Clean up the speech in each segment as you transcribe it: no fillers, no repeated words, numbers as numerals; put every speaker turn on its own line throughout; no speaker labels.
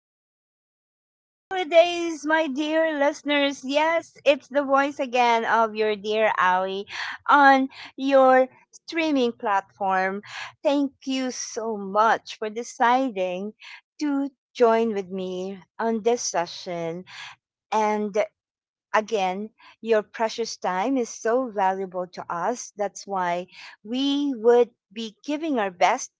hello. Happy holidays, my dear listeners. Yes, it's the voice again of your dear Ali on your streaming platform. Thank you so much for deciding to join with me on this session. And again, your precious time is so valuable to us. That's why we would be giving our best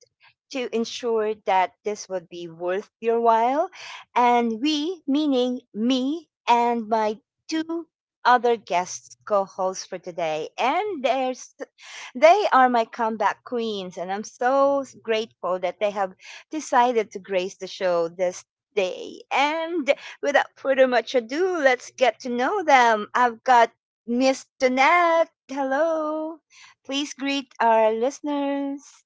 to ensure that this would be worth your while. And we, meaning me and my two other guests co-hosts for today and there's they are my comeback queens and I'm so grateful that they have decided to grace the show this day. And without further much ado, let's get to know them. I've got Miss Donette. Hello. Please greet our listeners.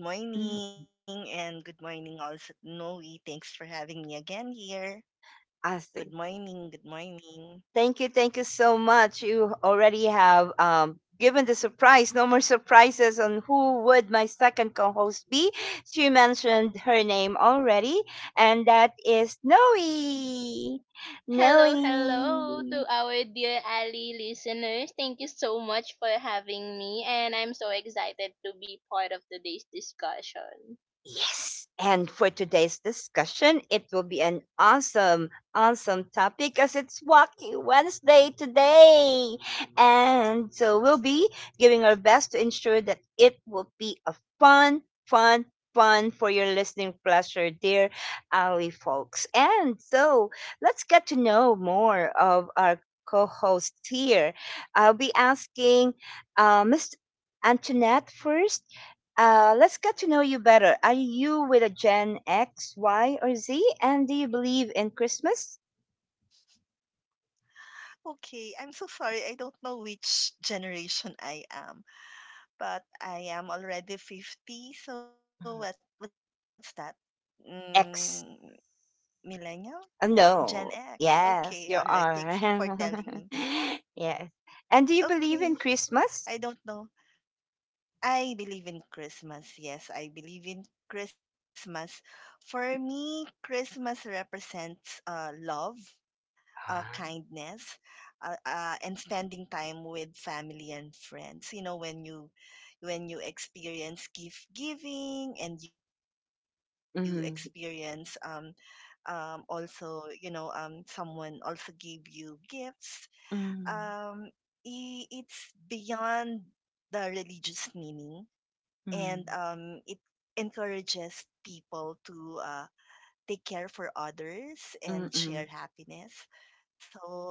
Hello, Miss
Mm,
Ali. Good morning, and good morning also to Noe. Thanks for having me again
I
here.
see.
Good morning, good
Thank you. Thank you
morning.
so much. You already have given the surprise. No more surprises on who would my second co host be. She mentioned her name already, and that is Noe.
Hello, hello
Noe.
to our dear Ali listeners. Thank you so much for having me, and I'm so excited to be part of today's discussion.
Yes. And for today's discussion, it will be an awesome, awesome topic because it's Wacky Wednesday today. And so we'll be giving our best to ensure that it will be a fun, fun, fun for your listening pleasure, dear Ali folks. And so let's get to know more of our co host here. I'll be asking Mr. Antoinette first. Let's get to know you better. Are you with a Gen X, Y, or Z? And do you believe in Christmas?
Okay, I'm so sorry. I don't know which generation I am, but I am already
Mhm.
50. So what? What's that?
X.
Mm, millennial?
No.
Gen
Yes,
X.
you
Okay,
are.
all right. Thanks for telling me.
Yes. And do you believe in
Okay,
Christmas?
I don't know. I believe in Christmas. Yes, I believe in Christmas. For me, Christmas represents love, kindness, and spending time with family and friends. You know, when you experience gift giving and you
Mm-hmm.
experience also, someone also give you gifts.
Mm-hmm.
Um, it's beyond the religious meaning and it encourages people to take care for others
Mm-hmm.
and share happiness.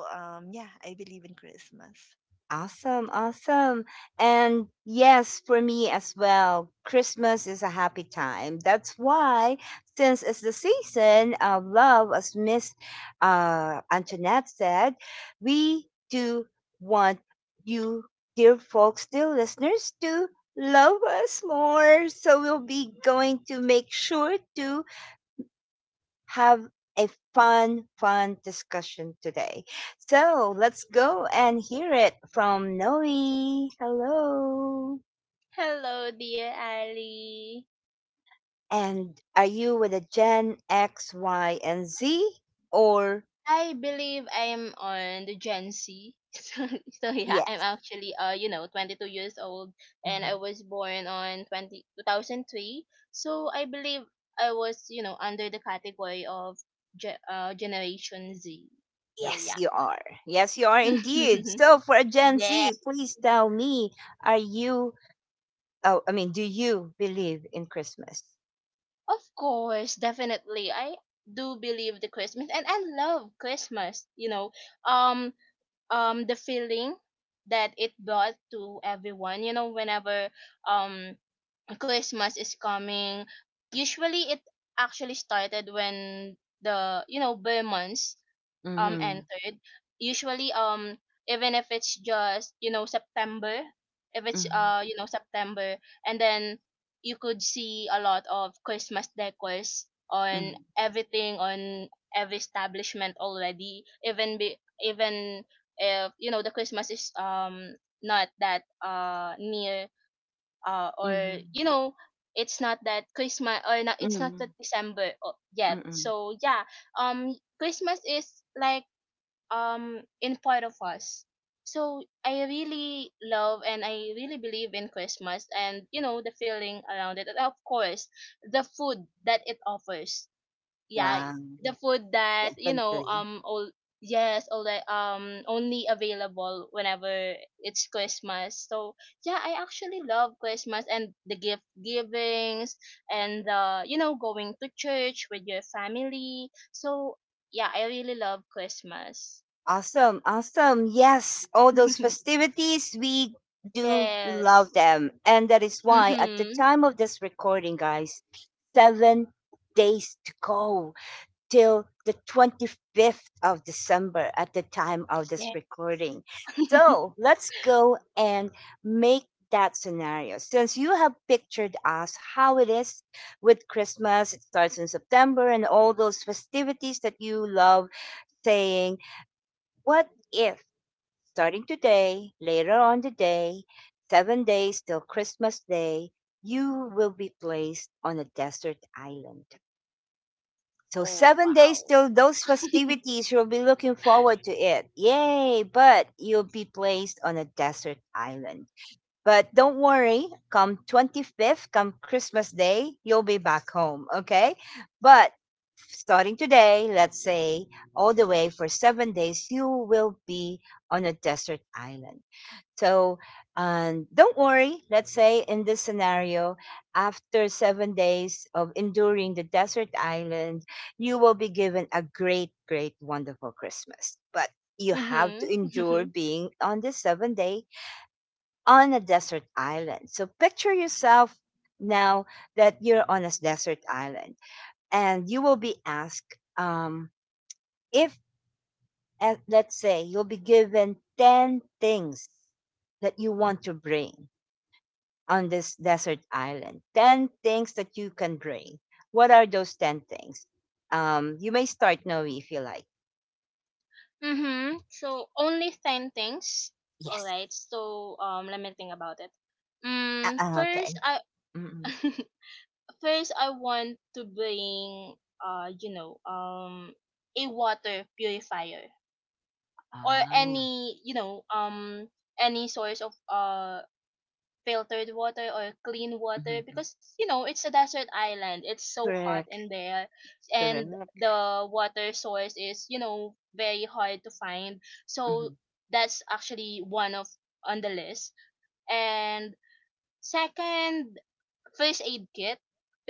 So yeah, I believe in Christmas.
Awesome, awesome. And yes, for me as well, Christmas is a happy time. That's why, since it's the season of love, as Miss Antoinette said, we do want you, dear folks, dear listeners, to love us more. So we'll be going to make sure to have a fun, fun discussion today. So let's go and hear it from Noe. Hello.
Hello, dear Ali.
And are you with a Gen X, Y, and Z? Or
I believe I'm on the Gen Z. So yeah, I'm
yes?
actually 22 years old, and I
Mhm.
was born on 20 2003. So I believe I was under the category of Generation Z. So
Yes,
yeah.
you are. Yes, you are indeed. So for a Gen
Yeah,
Z, please tell me, are you, oh, I mean, do you believe in Christmas?
of course, definitely. I do believe the Christmas and I love Christmas. Um the feeling that it brought to everyone, whenever um Christmas is coming, usually it actually started when the bear months
Mm-hmm.
entered, usually even if it's just September. If it's
Mm-hmm.
September, and then you could see a lot of Christmas decors on everything, on every establishment already, even if the Christmas is not that near, or
Mm-hmm.
you know it's not that christmas or not it's not
Mm-hmm.
that December yet.
Mm-hmm.
So yeah, um Christmas is like in part of us. So I really love and I really believe in Christmas, and the feeling around it, and of course the food that it offers. Yeah,
Wow.
the food that
Definitely.
all, yes, all that only available whenever it's Christmas. So yeah, I actually love Christmas and the gift givings, and the going to church with your family. So yeah, I really love Christmas.
Awesome. Awesome. Yes. All those festivities, we do
Yes.
love them. And that is why at the
Mhm.
time of this recording, guys, 7 days to go till the 25th of December at the time of this
Yeah.
recording. So let's go and make that scenario. Since you have pictured us how it is with Christmas, it starts in September and all those festivities that you love saying. What if starting today, later on today, 7 days till Christmas Day, you will be placed on a desert island? So,
Oh,
7 days
wow.
till those festivities, you'll be looking forward to it. Yay! But you'll be placed on a desert island. But don't worry, come 25th, come Christmas Day, you'll be back home, okay? But starting today, let's say all the way for 7 days, you will be on a desert island. So don't worry, let's say in this scenario, after 7 days of enduring the desert island, you will be given a great, great, wonderful Christmas. But you have to
Mhm.
endure
Mhm.
being on this 7-day on a desert island. So picture yourself now that you're on a desert island and you will be asked if, let's say, you'll be given 10 things that you want to bring on this desert island, 10 things that you can bring. What are those 10 things? You may start, Noe, if you like.
Mhm. So only 10 things. All
Yes.
right. So let me think about it. Mm, first
Okay.
I
Mm-mm.
first I want to bring a water purifier, or
Ah,
any any source of filtered water or clean water,
mhm.
because it's a desert island, it's so hot
Correct.
in there, and
Correct.
the water source is very hard to find. So
Mhm.
that's actually one of on the list. And second, first aid kit,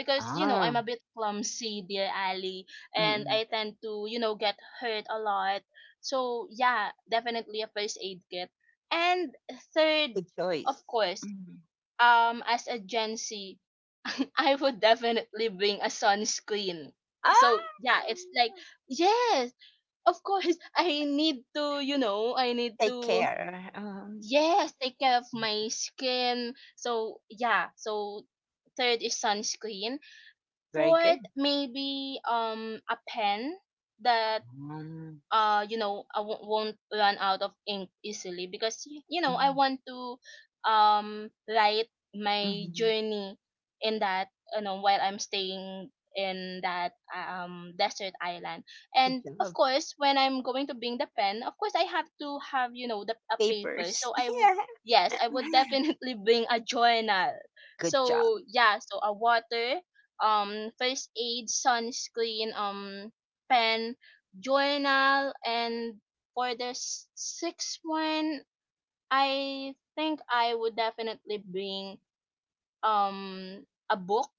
because
Ah.
I'm a bit clumsy, dear Ali, and
Mm.
I tend to get hurt a lot. So yeah, definitely a first aid kit. And third,
Good choice.
of course,
Mm.
as a Gen Z, I would definitely bring a sunscreen.
Ah,
So yeah, it's like, yes, of course, I need to, you know, I need
take
to
care.
yes, take care of my skin. So yeah, so third is sunscreen.
Very good.
Fourth, maybe a pen, that
Um,
won't run out of ink easily, because I
mm,
want to write my
mm,
journey in that, while I'm staying in that desert island.
good
And of
job.
course, when I'm going to bring the pen, of course I have to have the a paper,
Papers.
so I would, yes, I would definitely bring a journal.
Good job.
So yeah, so a water, first aid, sunscreen, pen, journal. And for the sixth one, I think I would definitely bring a book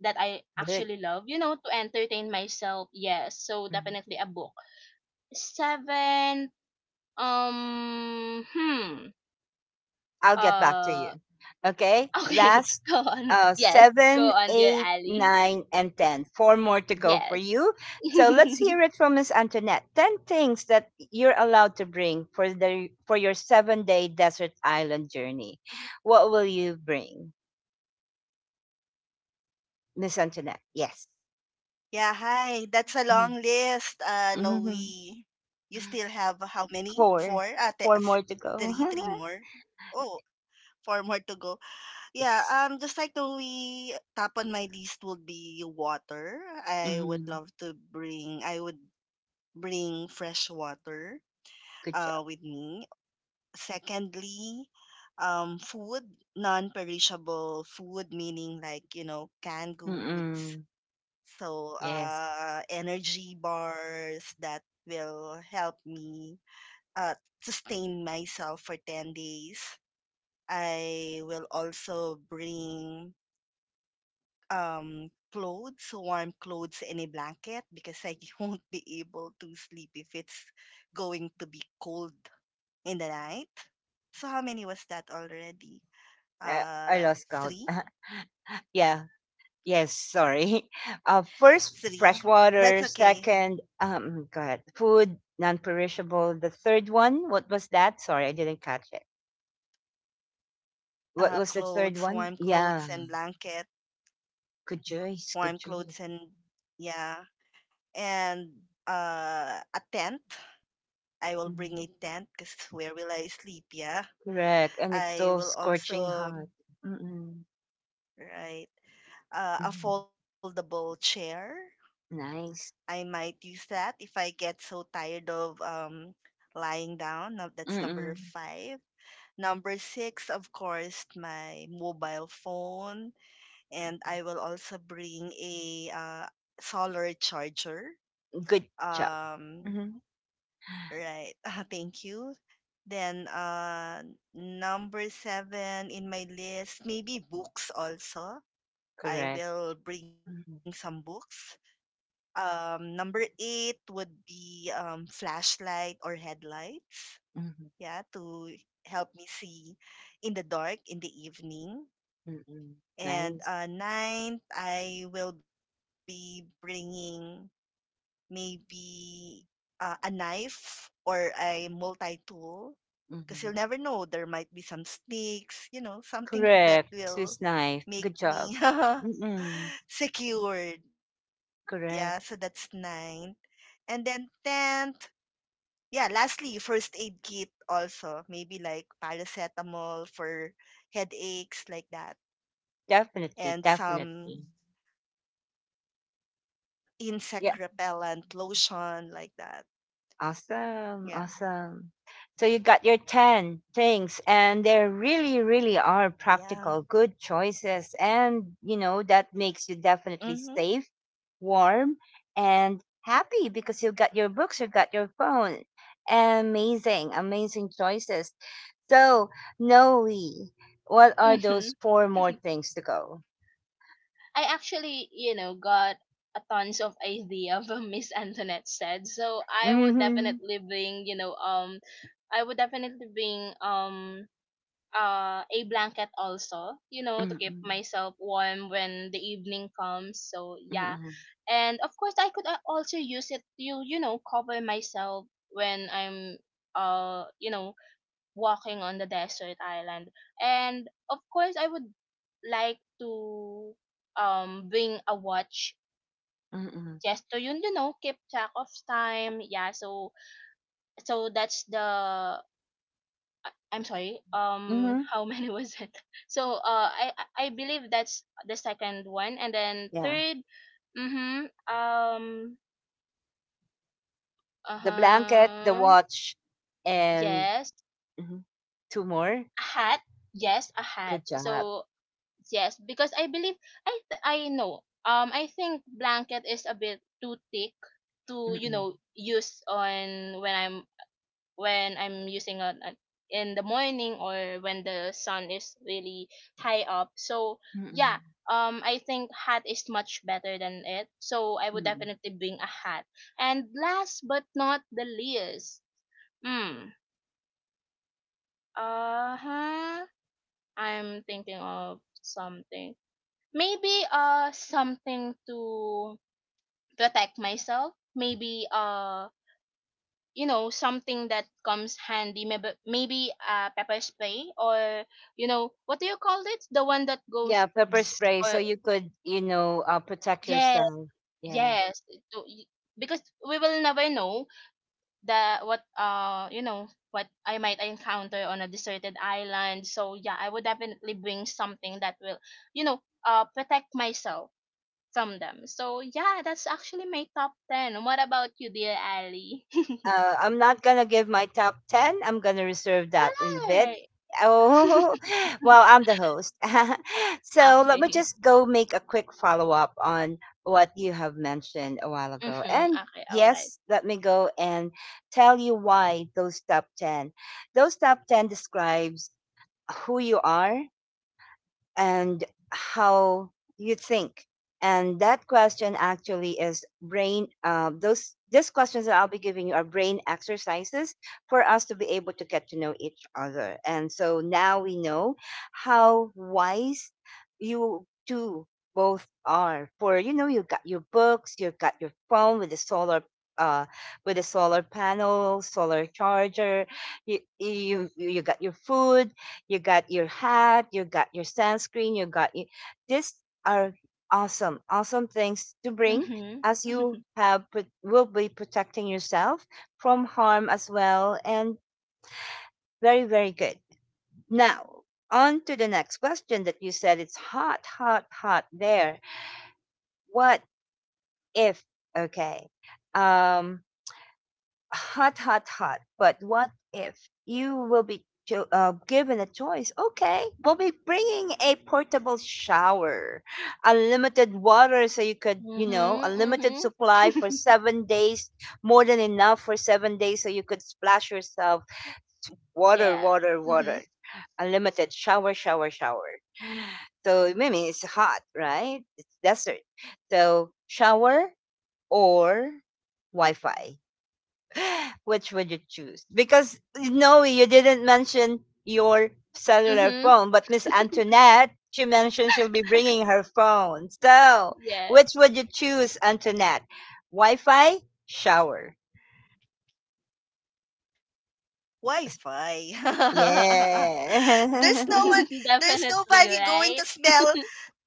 that I
Good.
actually love, to entertain myself. Yes, so
Mm-hmm.
definitely a book. Seven, um, hmm,
I'll get back to
uh,
you. Okay.
okay,
Last
go on. Yes, go
seven,
on, dear
eight,
Ali.
nine, and 10. Four more to go for
Yes.
you. So let's hear it from Miss Antoinette. 10 things that you're allowed to bring for your 7-day desert island journey. What will you bring, Miss Antoinette? Yes.
Yeah, hi. That's a long
Mhm.
list. No,
Mhm.
we. You still have how many?
Four.
Four?
Four more to go.
Three? Three more? Oh, four more to go.
Yes.
Yeah, just like the we top on my list would be water. I would
Mhm.
love to bring. I would bring fresh water
Good job.
with me. Secondly, food, non-perishable food, meaning like, you know, canned goods.
Mm-mm.
So,
Yes.
energy bars that will help me uh, sustain myself for 10 days. I will also bring clothes, warm clothes, and a blanket because I won't be able to sleep if it's going to be cold in the night. So how many was that already?
Uh, I
Uh,
lost count.
three,
Yeah. Yes, sorry. First, fresh
three.
water.
That's okay.
Second, go ahead. Food, non-perishable. The third one, what was that? Sorry, I didn't catch it. What was the third one?
Clothes, warm
Yeah,
clothes, and blanket,
good choice, good
warm
choice.
clothes, and yeah, and a tent. I
Mm,
will bring a tent because where will I sleep? Yeah,
correct, and it's so
I will
scorching hot.
also
Mm-mm.
right
Mm.
a foldable chair.
Nice.
I might use that if I get so tired of lying down. Now that's
Mm-mm,
number five. Number six, of course, my mobile phone, and I will also bring a solar charger.
good job. Hmm.
Um, right. Thank you. Then number seven in my list, maybe books also.
Correct.
I will bring
Mm-hmm.
some books. Number eight would be flashlight or headlights.
Mm-hmm.
Yeah, to help me see in the dark in the evening.
Mm-mm, nice.
And ninth, I will be bringing maybe a knife or a multi tool because you'll
Mm-hmm.
never know. There might be some sticks, you know, something that
Correct.
will
Swiss knife.
make
Good job.
me
Mm-mm.
secured. Yeah, so that's
Correct.
ninth. And then tenth, yeah, lastly, first aid kit also. Maybe like paracetamol for headaches like that
Definitely,
and some
definitely.
insect repellent
Yeah.
lotion like that. Yeah.
Awesome, awesome. So you got your 10 things, and there really, really
Yeah.
are practical, good choices. And that makes you
Mm-hmm.
definitely safe, warm, and happy because you've got your books, you've got your phone. Amazing, amazing choices. So, Noe, what are
Mhm.
those four more things to go?
I actually, got a tons of idea from Miss Antoinette said. So I would
Mm-hmm.
definitely bring, you know, I would definitely bring a blanket also, to keep
Mm-hmm.
myself warm when the evening comes. So yeah,
Mm-hmm.
and of course I could, also use it to cover myself when I'm uh you know walking on the desert island. And of course, I would like to bring a watch, just to yun you know keep track of time. Yeah, so that's the, I'm sorry.
Mm-hmm.
How many was it? So I believe that's the second one, and then
Yeah.
third. Mhm. Uh
The blanket, the
huh.
watch, and,
Yes.
mhm, two more.
A hat. Yes, a hat.
Good job.
So, yes, because I believe I know. I think blanket is a bit too thick to
Mm-mm.
use on when I'm, using it in the morning, or when the sun is really high up. So
Mm-mm.
yeah, I think hat is much better than it. So I would
Mm-mm.
definitely bring a hat. And last but not the least, hmm, uh huh. I'm thinking of something, maybe something to protect myself, maybe something that comes handy, maybe pepper spray, or what do you call it, the one that
Yeah,
goes
pepper
bzz,
spray, so
or
you could protect
yeah,
yourself. Yeah.
yes, to, because we will never know the what you know what I might encounter on a deserted island. So yeah, I would definitely bring something that will you know protect myself dum them. So yeah, that's actually my top 10. What about you, dear Ali?
I'm not gonna give my top ten. I'm gonna reserve that in a bit.
Why?
Oh, well, I'm the host, so let me
Okay.
just go make a quick follow up on what you have mentioned a while ago.
Mm-hmm.
And
Okay. All right.
yes, let me go and tell you why those top ten. Those top ten describes who you are and how you think. And that question actually is brain. Those these questions that I'll be giving you are brain exercises for us to be able to get to know each other. And so now we know how wise you two both are. For you've got your books, you've got your phone with the solar. Uh, with a solar panel, solar charger, you got your food, you got your hat, you got your sunscreen, these are awesome, awesome things to bring
Mm-hmm.
as you have put, will be protecting yourself from harm as well and very very good. Now, on to the next question that you said it's hot, hot, hot there. What if okay. Um hot, hot, hot. But what if you will be given a choice? Okay, we'll be bringing a portable shower, unlimited water, so you could
Mm-hmm.
unlimited
Mm-hmm.
supply for 7 days, more than enough for 7 days, so you could splash yourself water,
Yes.
water,
Mm-hmm.
water, unlimited shower, shower, shower. So I mean, it's hot, right? It's desert. So shower or Wi-Fi. Which would you choose? Because no, you didn't mention your cellular
Mm-hmm.
phone, but Miss Antoinette, she mentioned she'll be bringing her phone. So,
Yes.
which would you choose, Antoinette? Wi-Fi, shower.
Wi-Fi.
Yeah.
there's no one there's
Definitely.
nobody
Right.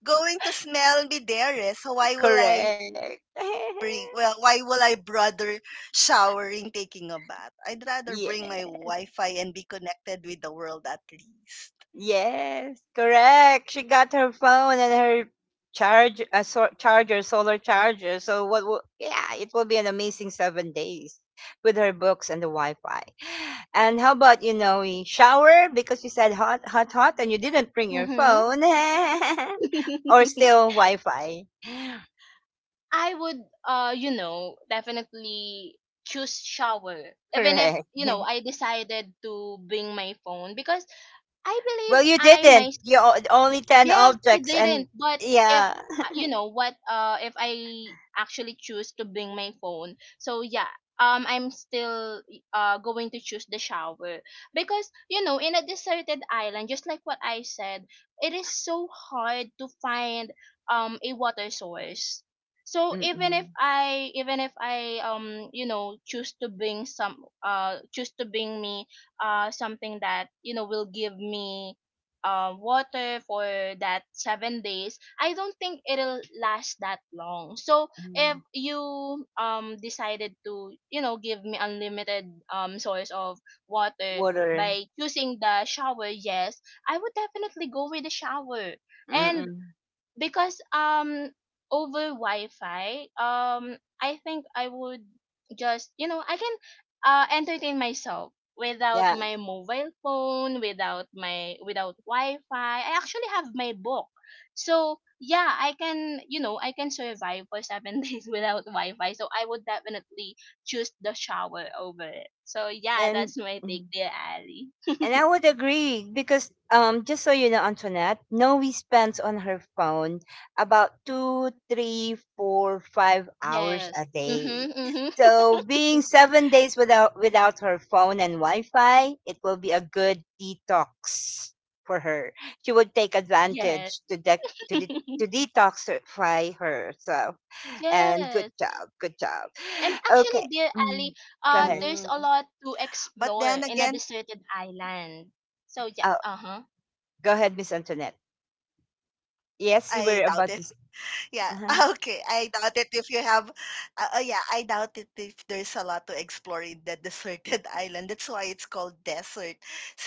going to smell me there. Eh. So
Correct.
why will I bother showering taking a bath? I'd rather
Yeah.
bring my Wi-Fi and be connected with the world at least.
Yes, correct. She got her phone and her charger, solar charger. So it will be an amazing 7 days with her books and the Wi-Fi. And how about we shower because you said hot hot hot and you didn't bring your
Mm-hmm.
phone or still Wi-Fi.
I would, definitely choose shower. Even if,
Correct.
I decided to bring my phone because I
well,
believe
you
I—
didn't. You only 10
yes, I
objects and
didn't. But if,
yeah.
if I actually choose to bring my phone, so yeah, I'm still going to choose the shower, because in a deserted island, just like what I said, it is so hard to find a water source. So even if
Mm-mm.
I, choose to bring some, choose to bring me something that, will give me water for that 7 days, I don't think it'll last that long. So if
Mm.
you decided to give me unlimited source of water
Water.
by choosing the shower, yes, I would definitely go with the shower. And
Mm-mm.
because over Wi-Fi, I think I would just, I can entertain myself without
Yeah.
my mobile phone, without my— without Wi-Fi. I actually have my book, so yeah, I can, I can survive for seven days without Wi-Fi. So I would definitely choose the shower over it. So yeah,
And
that's my take
mhm.
there, Ali.
And I would agree because just so you know, Antoinette, Noe spends on her phone about two, three, four, 5 hours
Yes.
a day.
Mhm. Mhm.
So being 7 days without her phone and Wi-Fi, it will be a good detox for her. She would take
Yes.
advantage to detoxify herself. And good
Yes.
job, good job.
And
Okay,
actually,
Mm.
dear
mm.
Ali,
Go
But
ahead.
then
there's a
again,
lot to explore in a deserted island. So yeah,
Uh,
uh huh.
go ahead, Miss Antoinette.
I doubt.
Yes, you were about to.
Yeah. Okay.
Uh-huh.
I doubt it if you have. Yeah, I doubt it if there's a lot to explore in the deserted island. That's why it's called desert.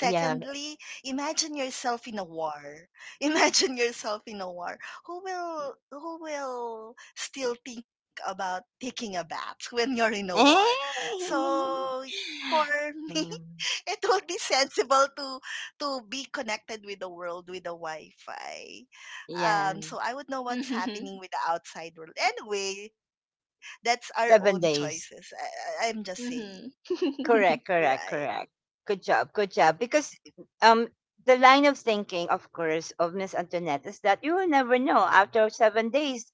Yeah.
imagine yourself in a war. Imagine yourself in a war. Who will still think about taking a bath when you're in a war?
Yeah.
So for me, it will be sensible to be connected with the world with the Wi-Fi.
Yeah.
So I would know what's
Mhm.
happening with the outside world. Anyway, that's our own
Seven
choices.
days.
I'm just saying.
Mhm.
Correct.
Right.
Correct. Correct. Good job. Good job. Because um, the line of thinking, of course, of Miss Antoinette is that you will never know. After 7 days,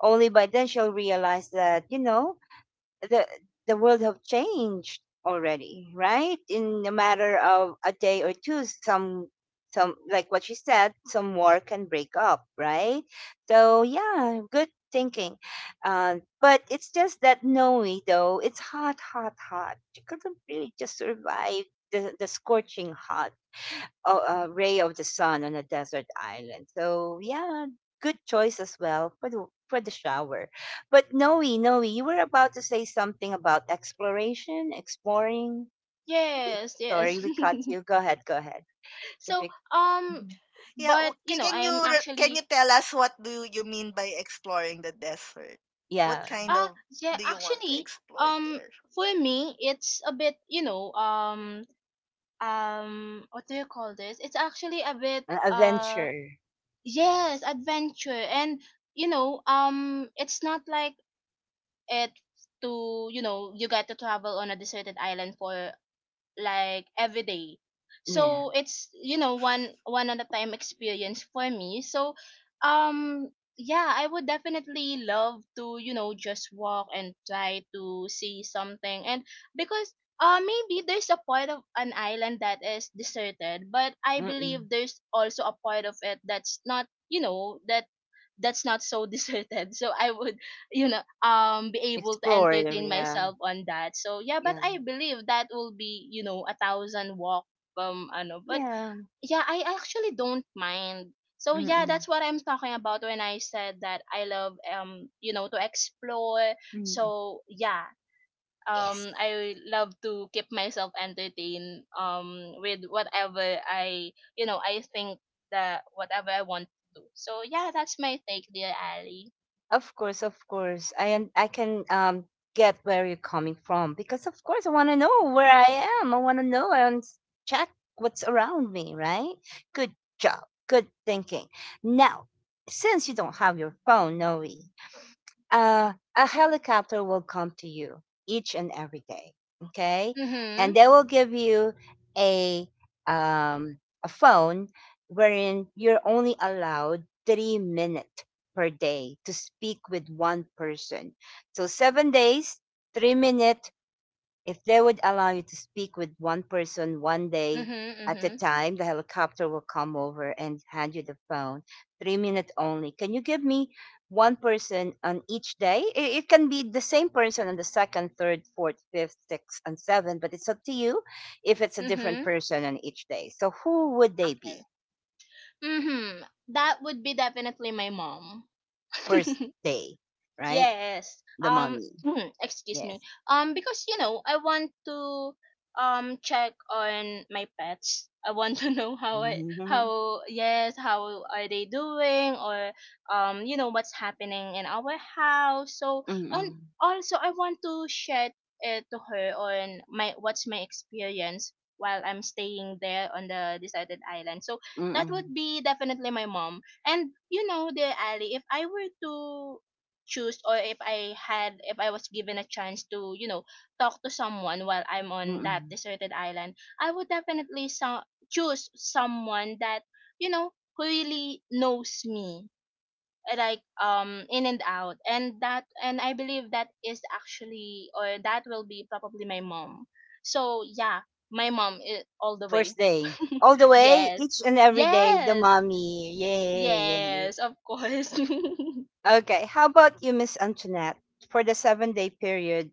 only by then she'll realize that the the world have changed already, right? In a matter of a day or two, some like what she said, some war can break up, right? So yeah, good thinking. But it's just that Noe though, it's hot, hot, hot. She couldn't really just survive the scorching hot oh, ray of the sun on a desert island. So yeah, good choice as well for the shower. But Noe, Noe, you were about to say something about exploration, exploring.
Yes,
Sorry,
yes.
we cut you. Go ahead, go ahead. If
So
you,
Yeah.
mhm,
Can you
but
can you
I'm
tell us
actually
what do you mean by exploring the desert? What kind
yeah,
of
uh
do you
yeah,
want to
actually
explore there?
um for me it's a bit, what do you call this? It's actually a bit,
an adventure.
yes, adventure. And it's not like it to, you get to travel on a deserted island for like every day.
Yeah.
So it's, one one at a time experience for me. So um yeah, I would definitely love to, just walk and try to see something. And because maybe there's a part of an island that is deserted, but I believe
Mm-mm.
there's also a part of it that's not, that that's not so deserted, so I would, be able to
Explore. The.
entertain
Yeah.
myself on that. So yeah, but
Yeah.
I believe that will be, a thousand walk, ano but
Yeah.
yeah, I actually don't mind. So yeah,
Mm-mm.
that's what I'm talking about when I said that I love, to explore.
Mm-mm.
So yeah,
Yes.
I love to keep myself entertained with whatever I, I think that whatever I want to do. So yeah, that's my take, dear Ali.
Of course, of course. I can get where you're coming from because of course I want to know where I am. I want to know and check what's around me, right? Good job. Good thinking. Now, since you don't have your phone, Noe, a helicopter will come to you each and every day, okay, and
Mhm.
they will give you a um, a phone wherein you're only allowed 3 minutes per day to speak with one person. So 7 days, 3 minutes. If they would allow you to speak with one person one day
Mhm.
at a
Mhm.
time, the helicopter will come over and hand you the phone. 3 minutes only. Can you give me one person on each day? It can be the same person on the second, third, fourth, fifth, sixth, and seventh, but it's up to you if it's a different
Mhm.
person on each day. So who would they be?
Okay. Mhm. That would be definitely my mom.
First day, right?
Yes.
The mommy.
Excuse me.
Yes.
Because I want to check on my pets. I want to know how I—
Mm-hmm.
how, yes, how are they doing, or what's happening in our house. So, and
Mm-mm.
also I want to share it to her on my— what's my experience while I'm staying there on the deserted island. So that
Mm-mm.
would be definitely my mom. And dear Ali, if I were to choose, or if I had— if I was given a chance to, talk to someone while I'm on that
Mm-mm.
deserted island, I would definitely choose someone that, who really knows me, like in and out. And that— and I believe that is actually, or that will be probably my mom. So yeah, my mom, all the
First
way.
day. All the way,
Yes.
each and every day, the
Yes.
mommy. Yay, yay.
Yes, of course.
Okay, how about you, Miss Antoinette? For the 7 day period,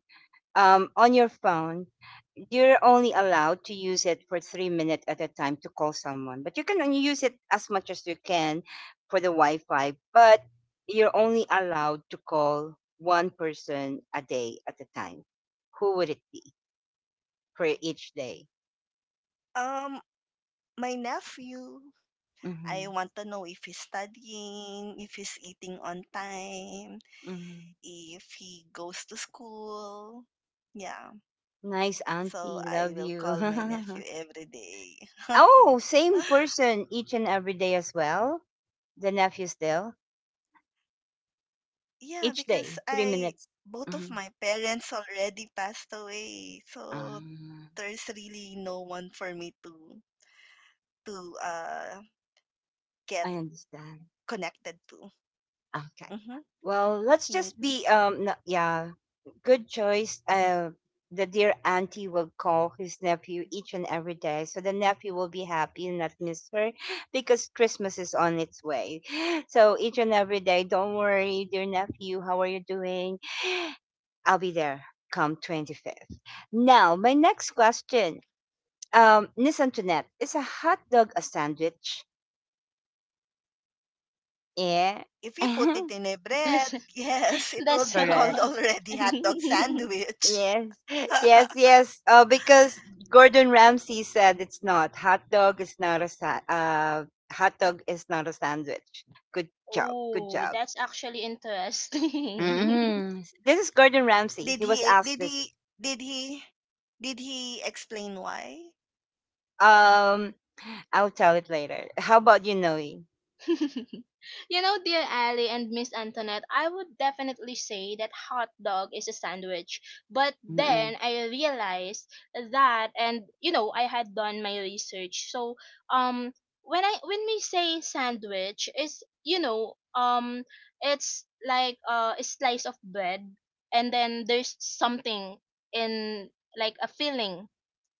on your phone, you're only allowed to use it for 3 minutes at a time to call someone, but you can only use it as much as you can for the Wi Fi, but you're only allowed to call one person a day at a time. Who would it be for each day?
Um, my nephew. I
Mm-hmm.
want to know if he's studying, if he's eating on time,
Mm-hmm.
if he goes to school. Yeah.
Nice
So
auntie,
I will
love
call
you.
my nephew every day.
Oh, same person each and every day as well. The nephew still,
Yeah,
each
because
day, three
I
minutes.
both of my
Hmm.
parents already passed away. So
Ah,
there's really no one for me to to uh get
I understand.
connected to. Mm-hmm.
Okay. Well, let's just
Thanks.
be no, yeah, good choice. The dear auntie will call his nephew each and every day, so the nephew will be happy and not miss her because Christmas is on its way. So each and every day, don't worry, dear nephew, how are you doing? I'll be there come 25th. Now, my next question. Miss Antoinette, is a hot dog a sandwich? Yeah.
If you put it in a
That's—
bread, yes, it will
that's
be
Correct.
called
someone.
already hot dog sandwich.
Yes. Yes, yes. Because Gordon Ramsay said it's not. Hot dog is not a hot dog is not a sandwich. Good job. Good
Oh,
job.
that's actually interesting.
Hmm. This is Gordon Ramsay. He
Did
was
he
asked
did
this.
he did he did he explain why?
Um, I'll tell it later. How about you, Noe?
You know, dear Ali and Miss Antoinette, I would definitely say that hot dog is a sandwich. But
Mm-mm.
then I realized that, and I had done my research. So, um, when I— when we say sandwich, is, it's like a slice of bread, and then there's something in, like a filling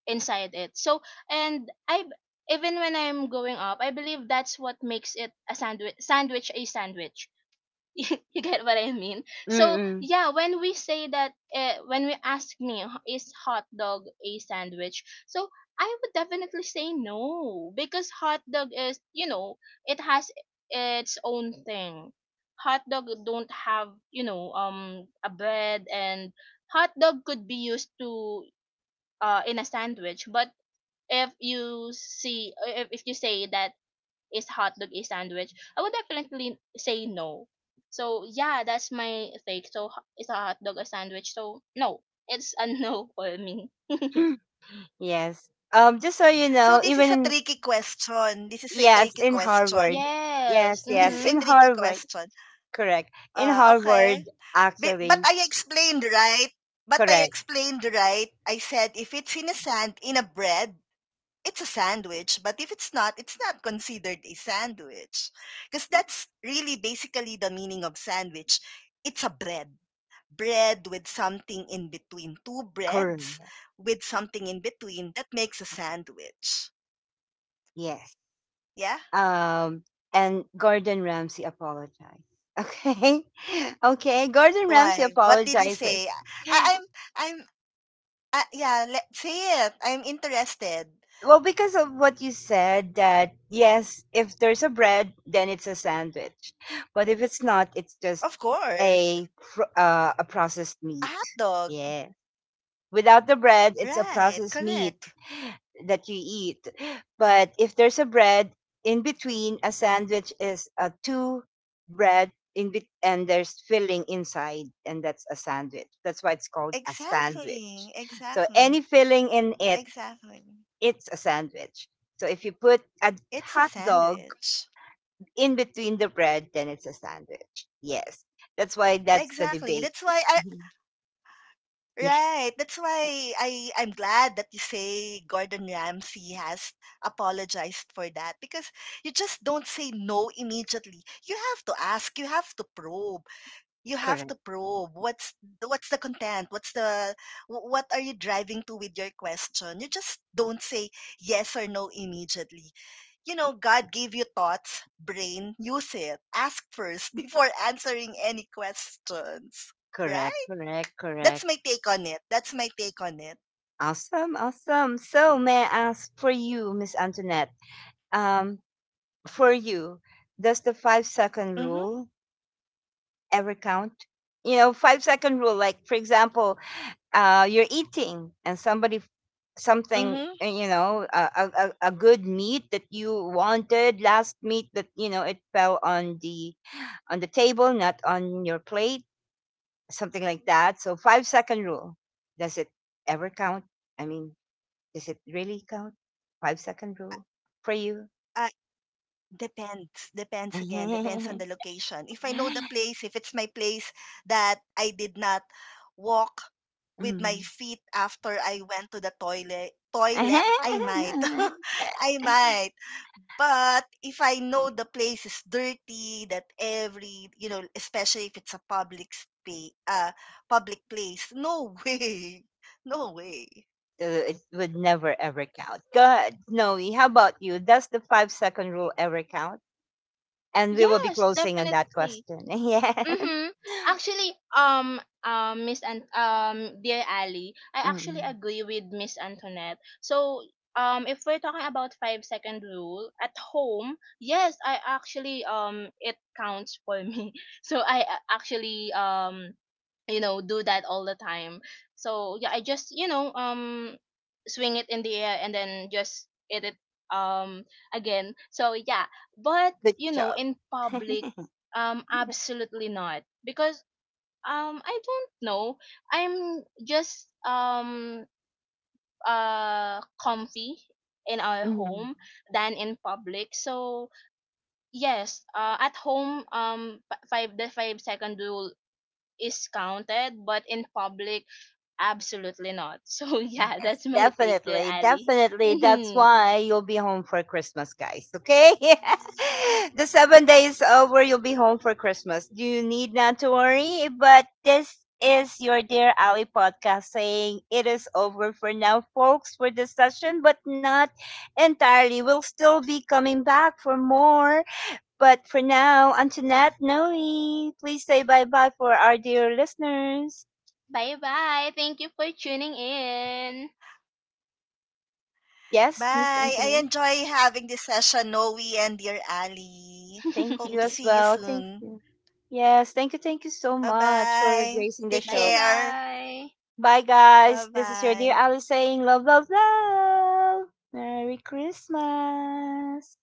inside it. So, and I— even when I'm going up, I believe that's what makes it a sandwich. You get what I mean? So
Mm-mm.
yeah, when we say that, when we ask me, Is hot dog a sandwich?" So I would definitely say no, because hot dog is, it has its own thing. Hot dog don't have, a bread, and hot dog could be used to, in a sandwich. But if you see, if you say that, is hot dog a sandwich, I would definitely say no. So yeah, that's my take. So ho-— is a hot dog a sandwich? So no, it's a no for me.
Yes. Just so
So
you
this is a
know,
tricky
even in,
question. This is a tricky
yes, in
question.
Harvard.
Yes.
Yes,
This is a
yes,
Mm-hmm.
in
tricky
Harvard.
question.
Correct. In
Okay.
Harvard,
But
actually,
I explained, right? But I
correct.
explained, right? I said if it's in a sand, in a bread, it's a sandwich. But if it's not, it's not considered a sandwich. Because that's really basically the meaning of sandwich. It's a bread. Bread with something in between. Two breads
Correct.
with something in between. That makes a sandwich.
Yes.
Yeah?
Um, and Gordon Ramsay apologized. Okay. Okay. Gordon Ramsay
Why? What did he say?
apologizes.
I, I'm, I'm, yeah, let, say it. I'm interested.
Well, because of what you said, that yes, if there's a bread, then it's a sandwich. But if it's not, it's just
Of
a
course.
a
A hot
processed meat.
dog.
Yeah. Without the bread,
Right,
it's a processed
correct.
meat that you eat. But if there's a bread in between, a sandwich is a two bread in bet and there's filling inside, and that's a sandwich. That's why it's called a
Exactly,
sandwich. So
exactly,
any filling in it,
exactly.
it's a sandwich. So if you put a
It's a
hot dog
sandwich.
in between the bread, then it's a sandwich. Yes, that's why that's the
Exactly.
debate.
That's why I
Mhm.
right.
Yes,
That's why I'm glad that you say Gordon Ramsay has apologized for that because you just don't say no immediately. You have to ask, you have to probe. You have to
correct,
probe what's the content what's the wh- what are you driving to with your question. You just don't say yes or no immediately. You know, god gave you thoughts brain, use it, ask first before answering any questions,
correct,
right?
correct,
That's
correct.
my take on it that's my take on it
Awesome, awesome. So may I ask for you, Miss Antoinette? Um, for you, does the 5 second
Mhm.
rule ever count? You know, 5 second rule. Like for example, you're eating and somebody something,
Mhm.
you know, a, a good meat that you wanted, last meat that you know, it fell on the table, not on your plate, something like that. So 5 second rule, does it ever count? I mean, does it really count? 5 second rule for you?
Depends. Depends again. Depends on the location. If I know the place, if it's my place that I did not walk with my
Mm.
feet after I went to the toilet, I might. I might. But if I know the place is dirty, that every, you know, especially if it's a public space, public place, no way. No way.
It would never ever count. Go ahead, Noe. How about you? Does the 5 second rule ever count? And we will be
Yes,
closing on that
definitely.
question. Yeah.
Mm-hmm. Actually, Miss, and dear Ali, I actually
Mm.
agree with Miss Antoinette. So, if we're talking about 5-second rule at home, yes, I actually, it counts for me. So I actually you know, do that all the time. So yeah, I just, swing it in the air and then just eat it um again. So yeah, but
Good job.
in public, absolutely not, because I don't know, I'm just comfy in our
Mm-hmm.
home than in public. So yes, at home, 5-second rule is counted, but in public, absolutely not. So yeah,
Yes,
that's my take there,
definitely.
Ali.
Definitely. That's why you'll be home for Christmas, guys. Okay? The 7 days over, you'll be home for Christmas. You need not to worry, but this is your Dear Ali podcast saying it is over for now, folks, for this session, but not entirely. We'll still be coming back for more. But for now, Antoinette, Noe, please say bye bye for our dear listeners.
Bye bye. Thank you for tuning in.
Yes,
Bye.
Miss
I
Antoinette?
enjoy having this session, Noe and dear Ali.
Thank
Hope to
you as
see you
well. Thank
soon.
you. Yes, thank you so
Bye
much for
bye.
gracing the
Take
Bye
show.
care.
bye.
Bye, guys.
Bye
This is your dear
bye.
Alice saying love, love, love. Merry Christmas.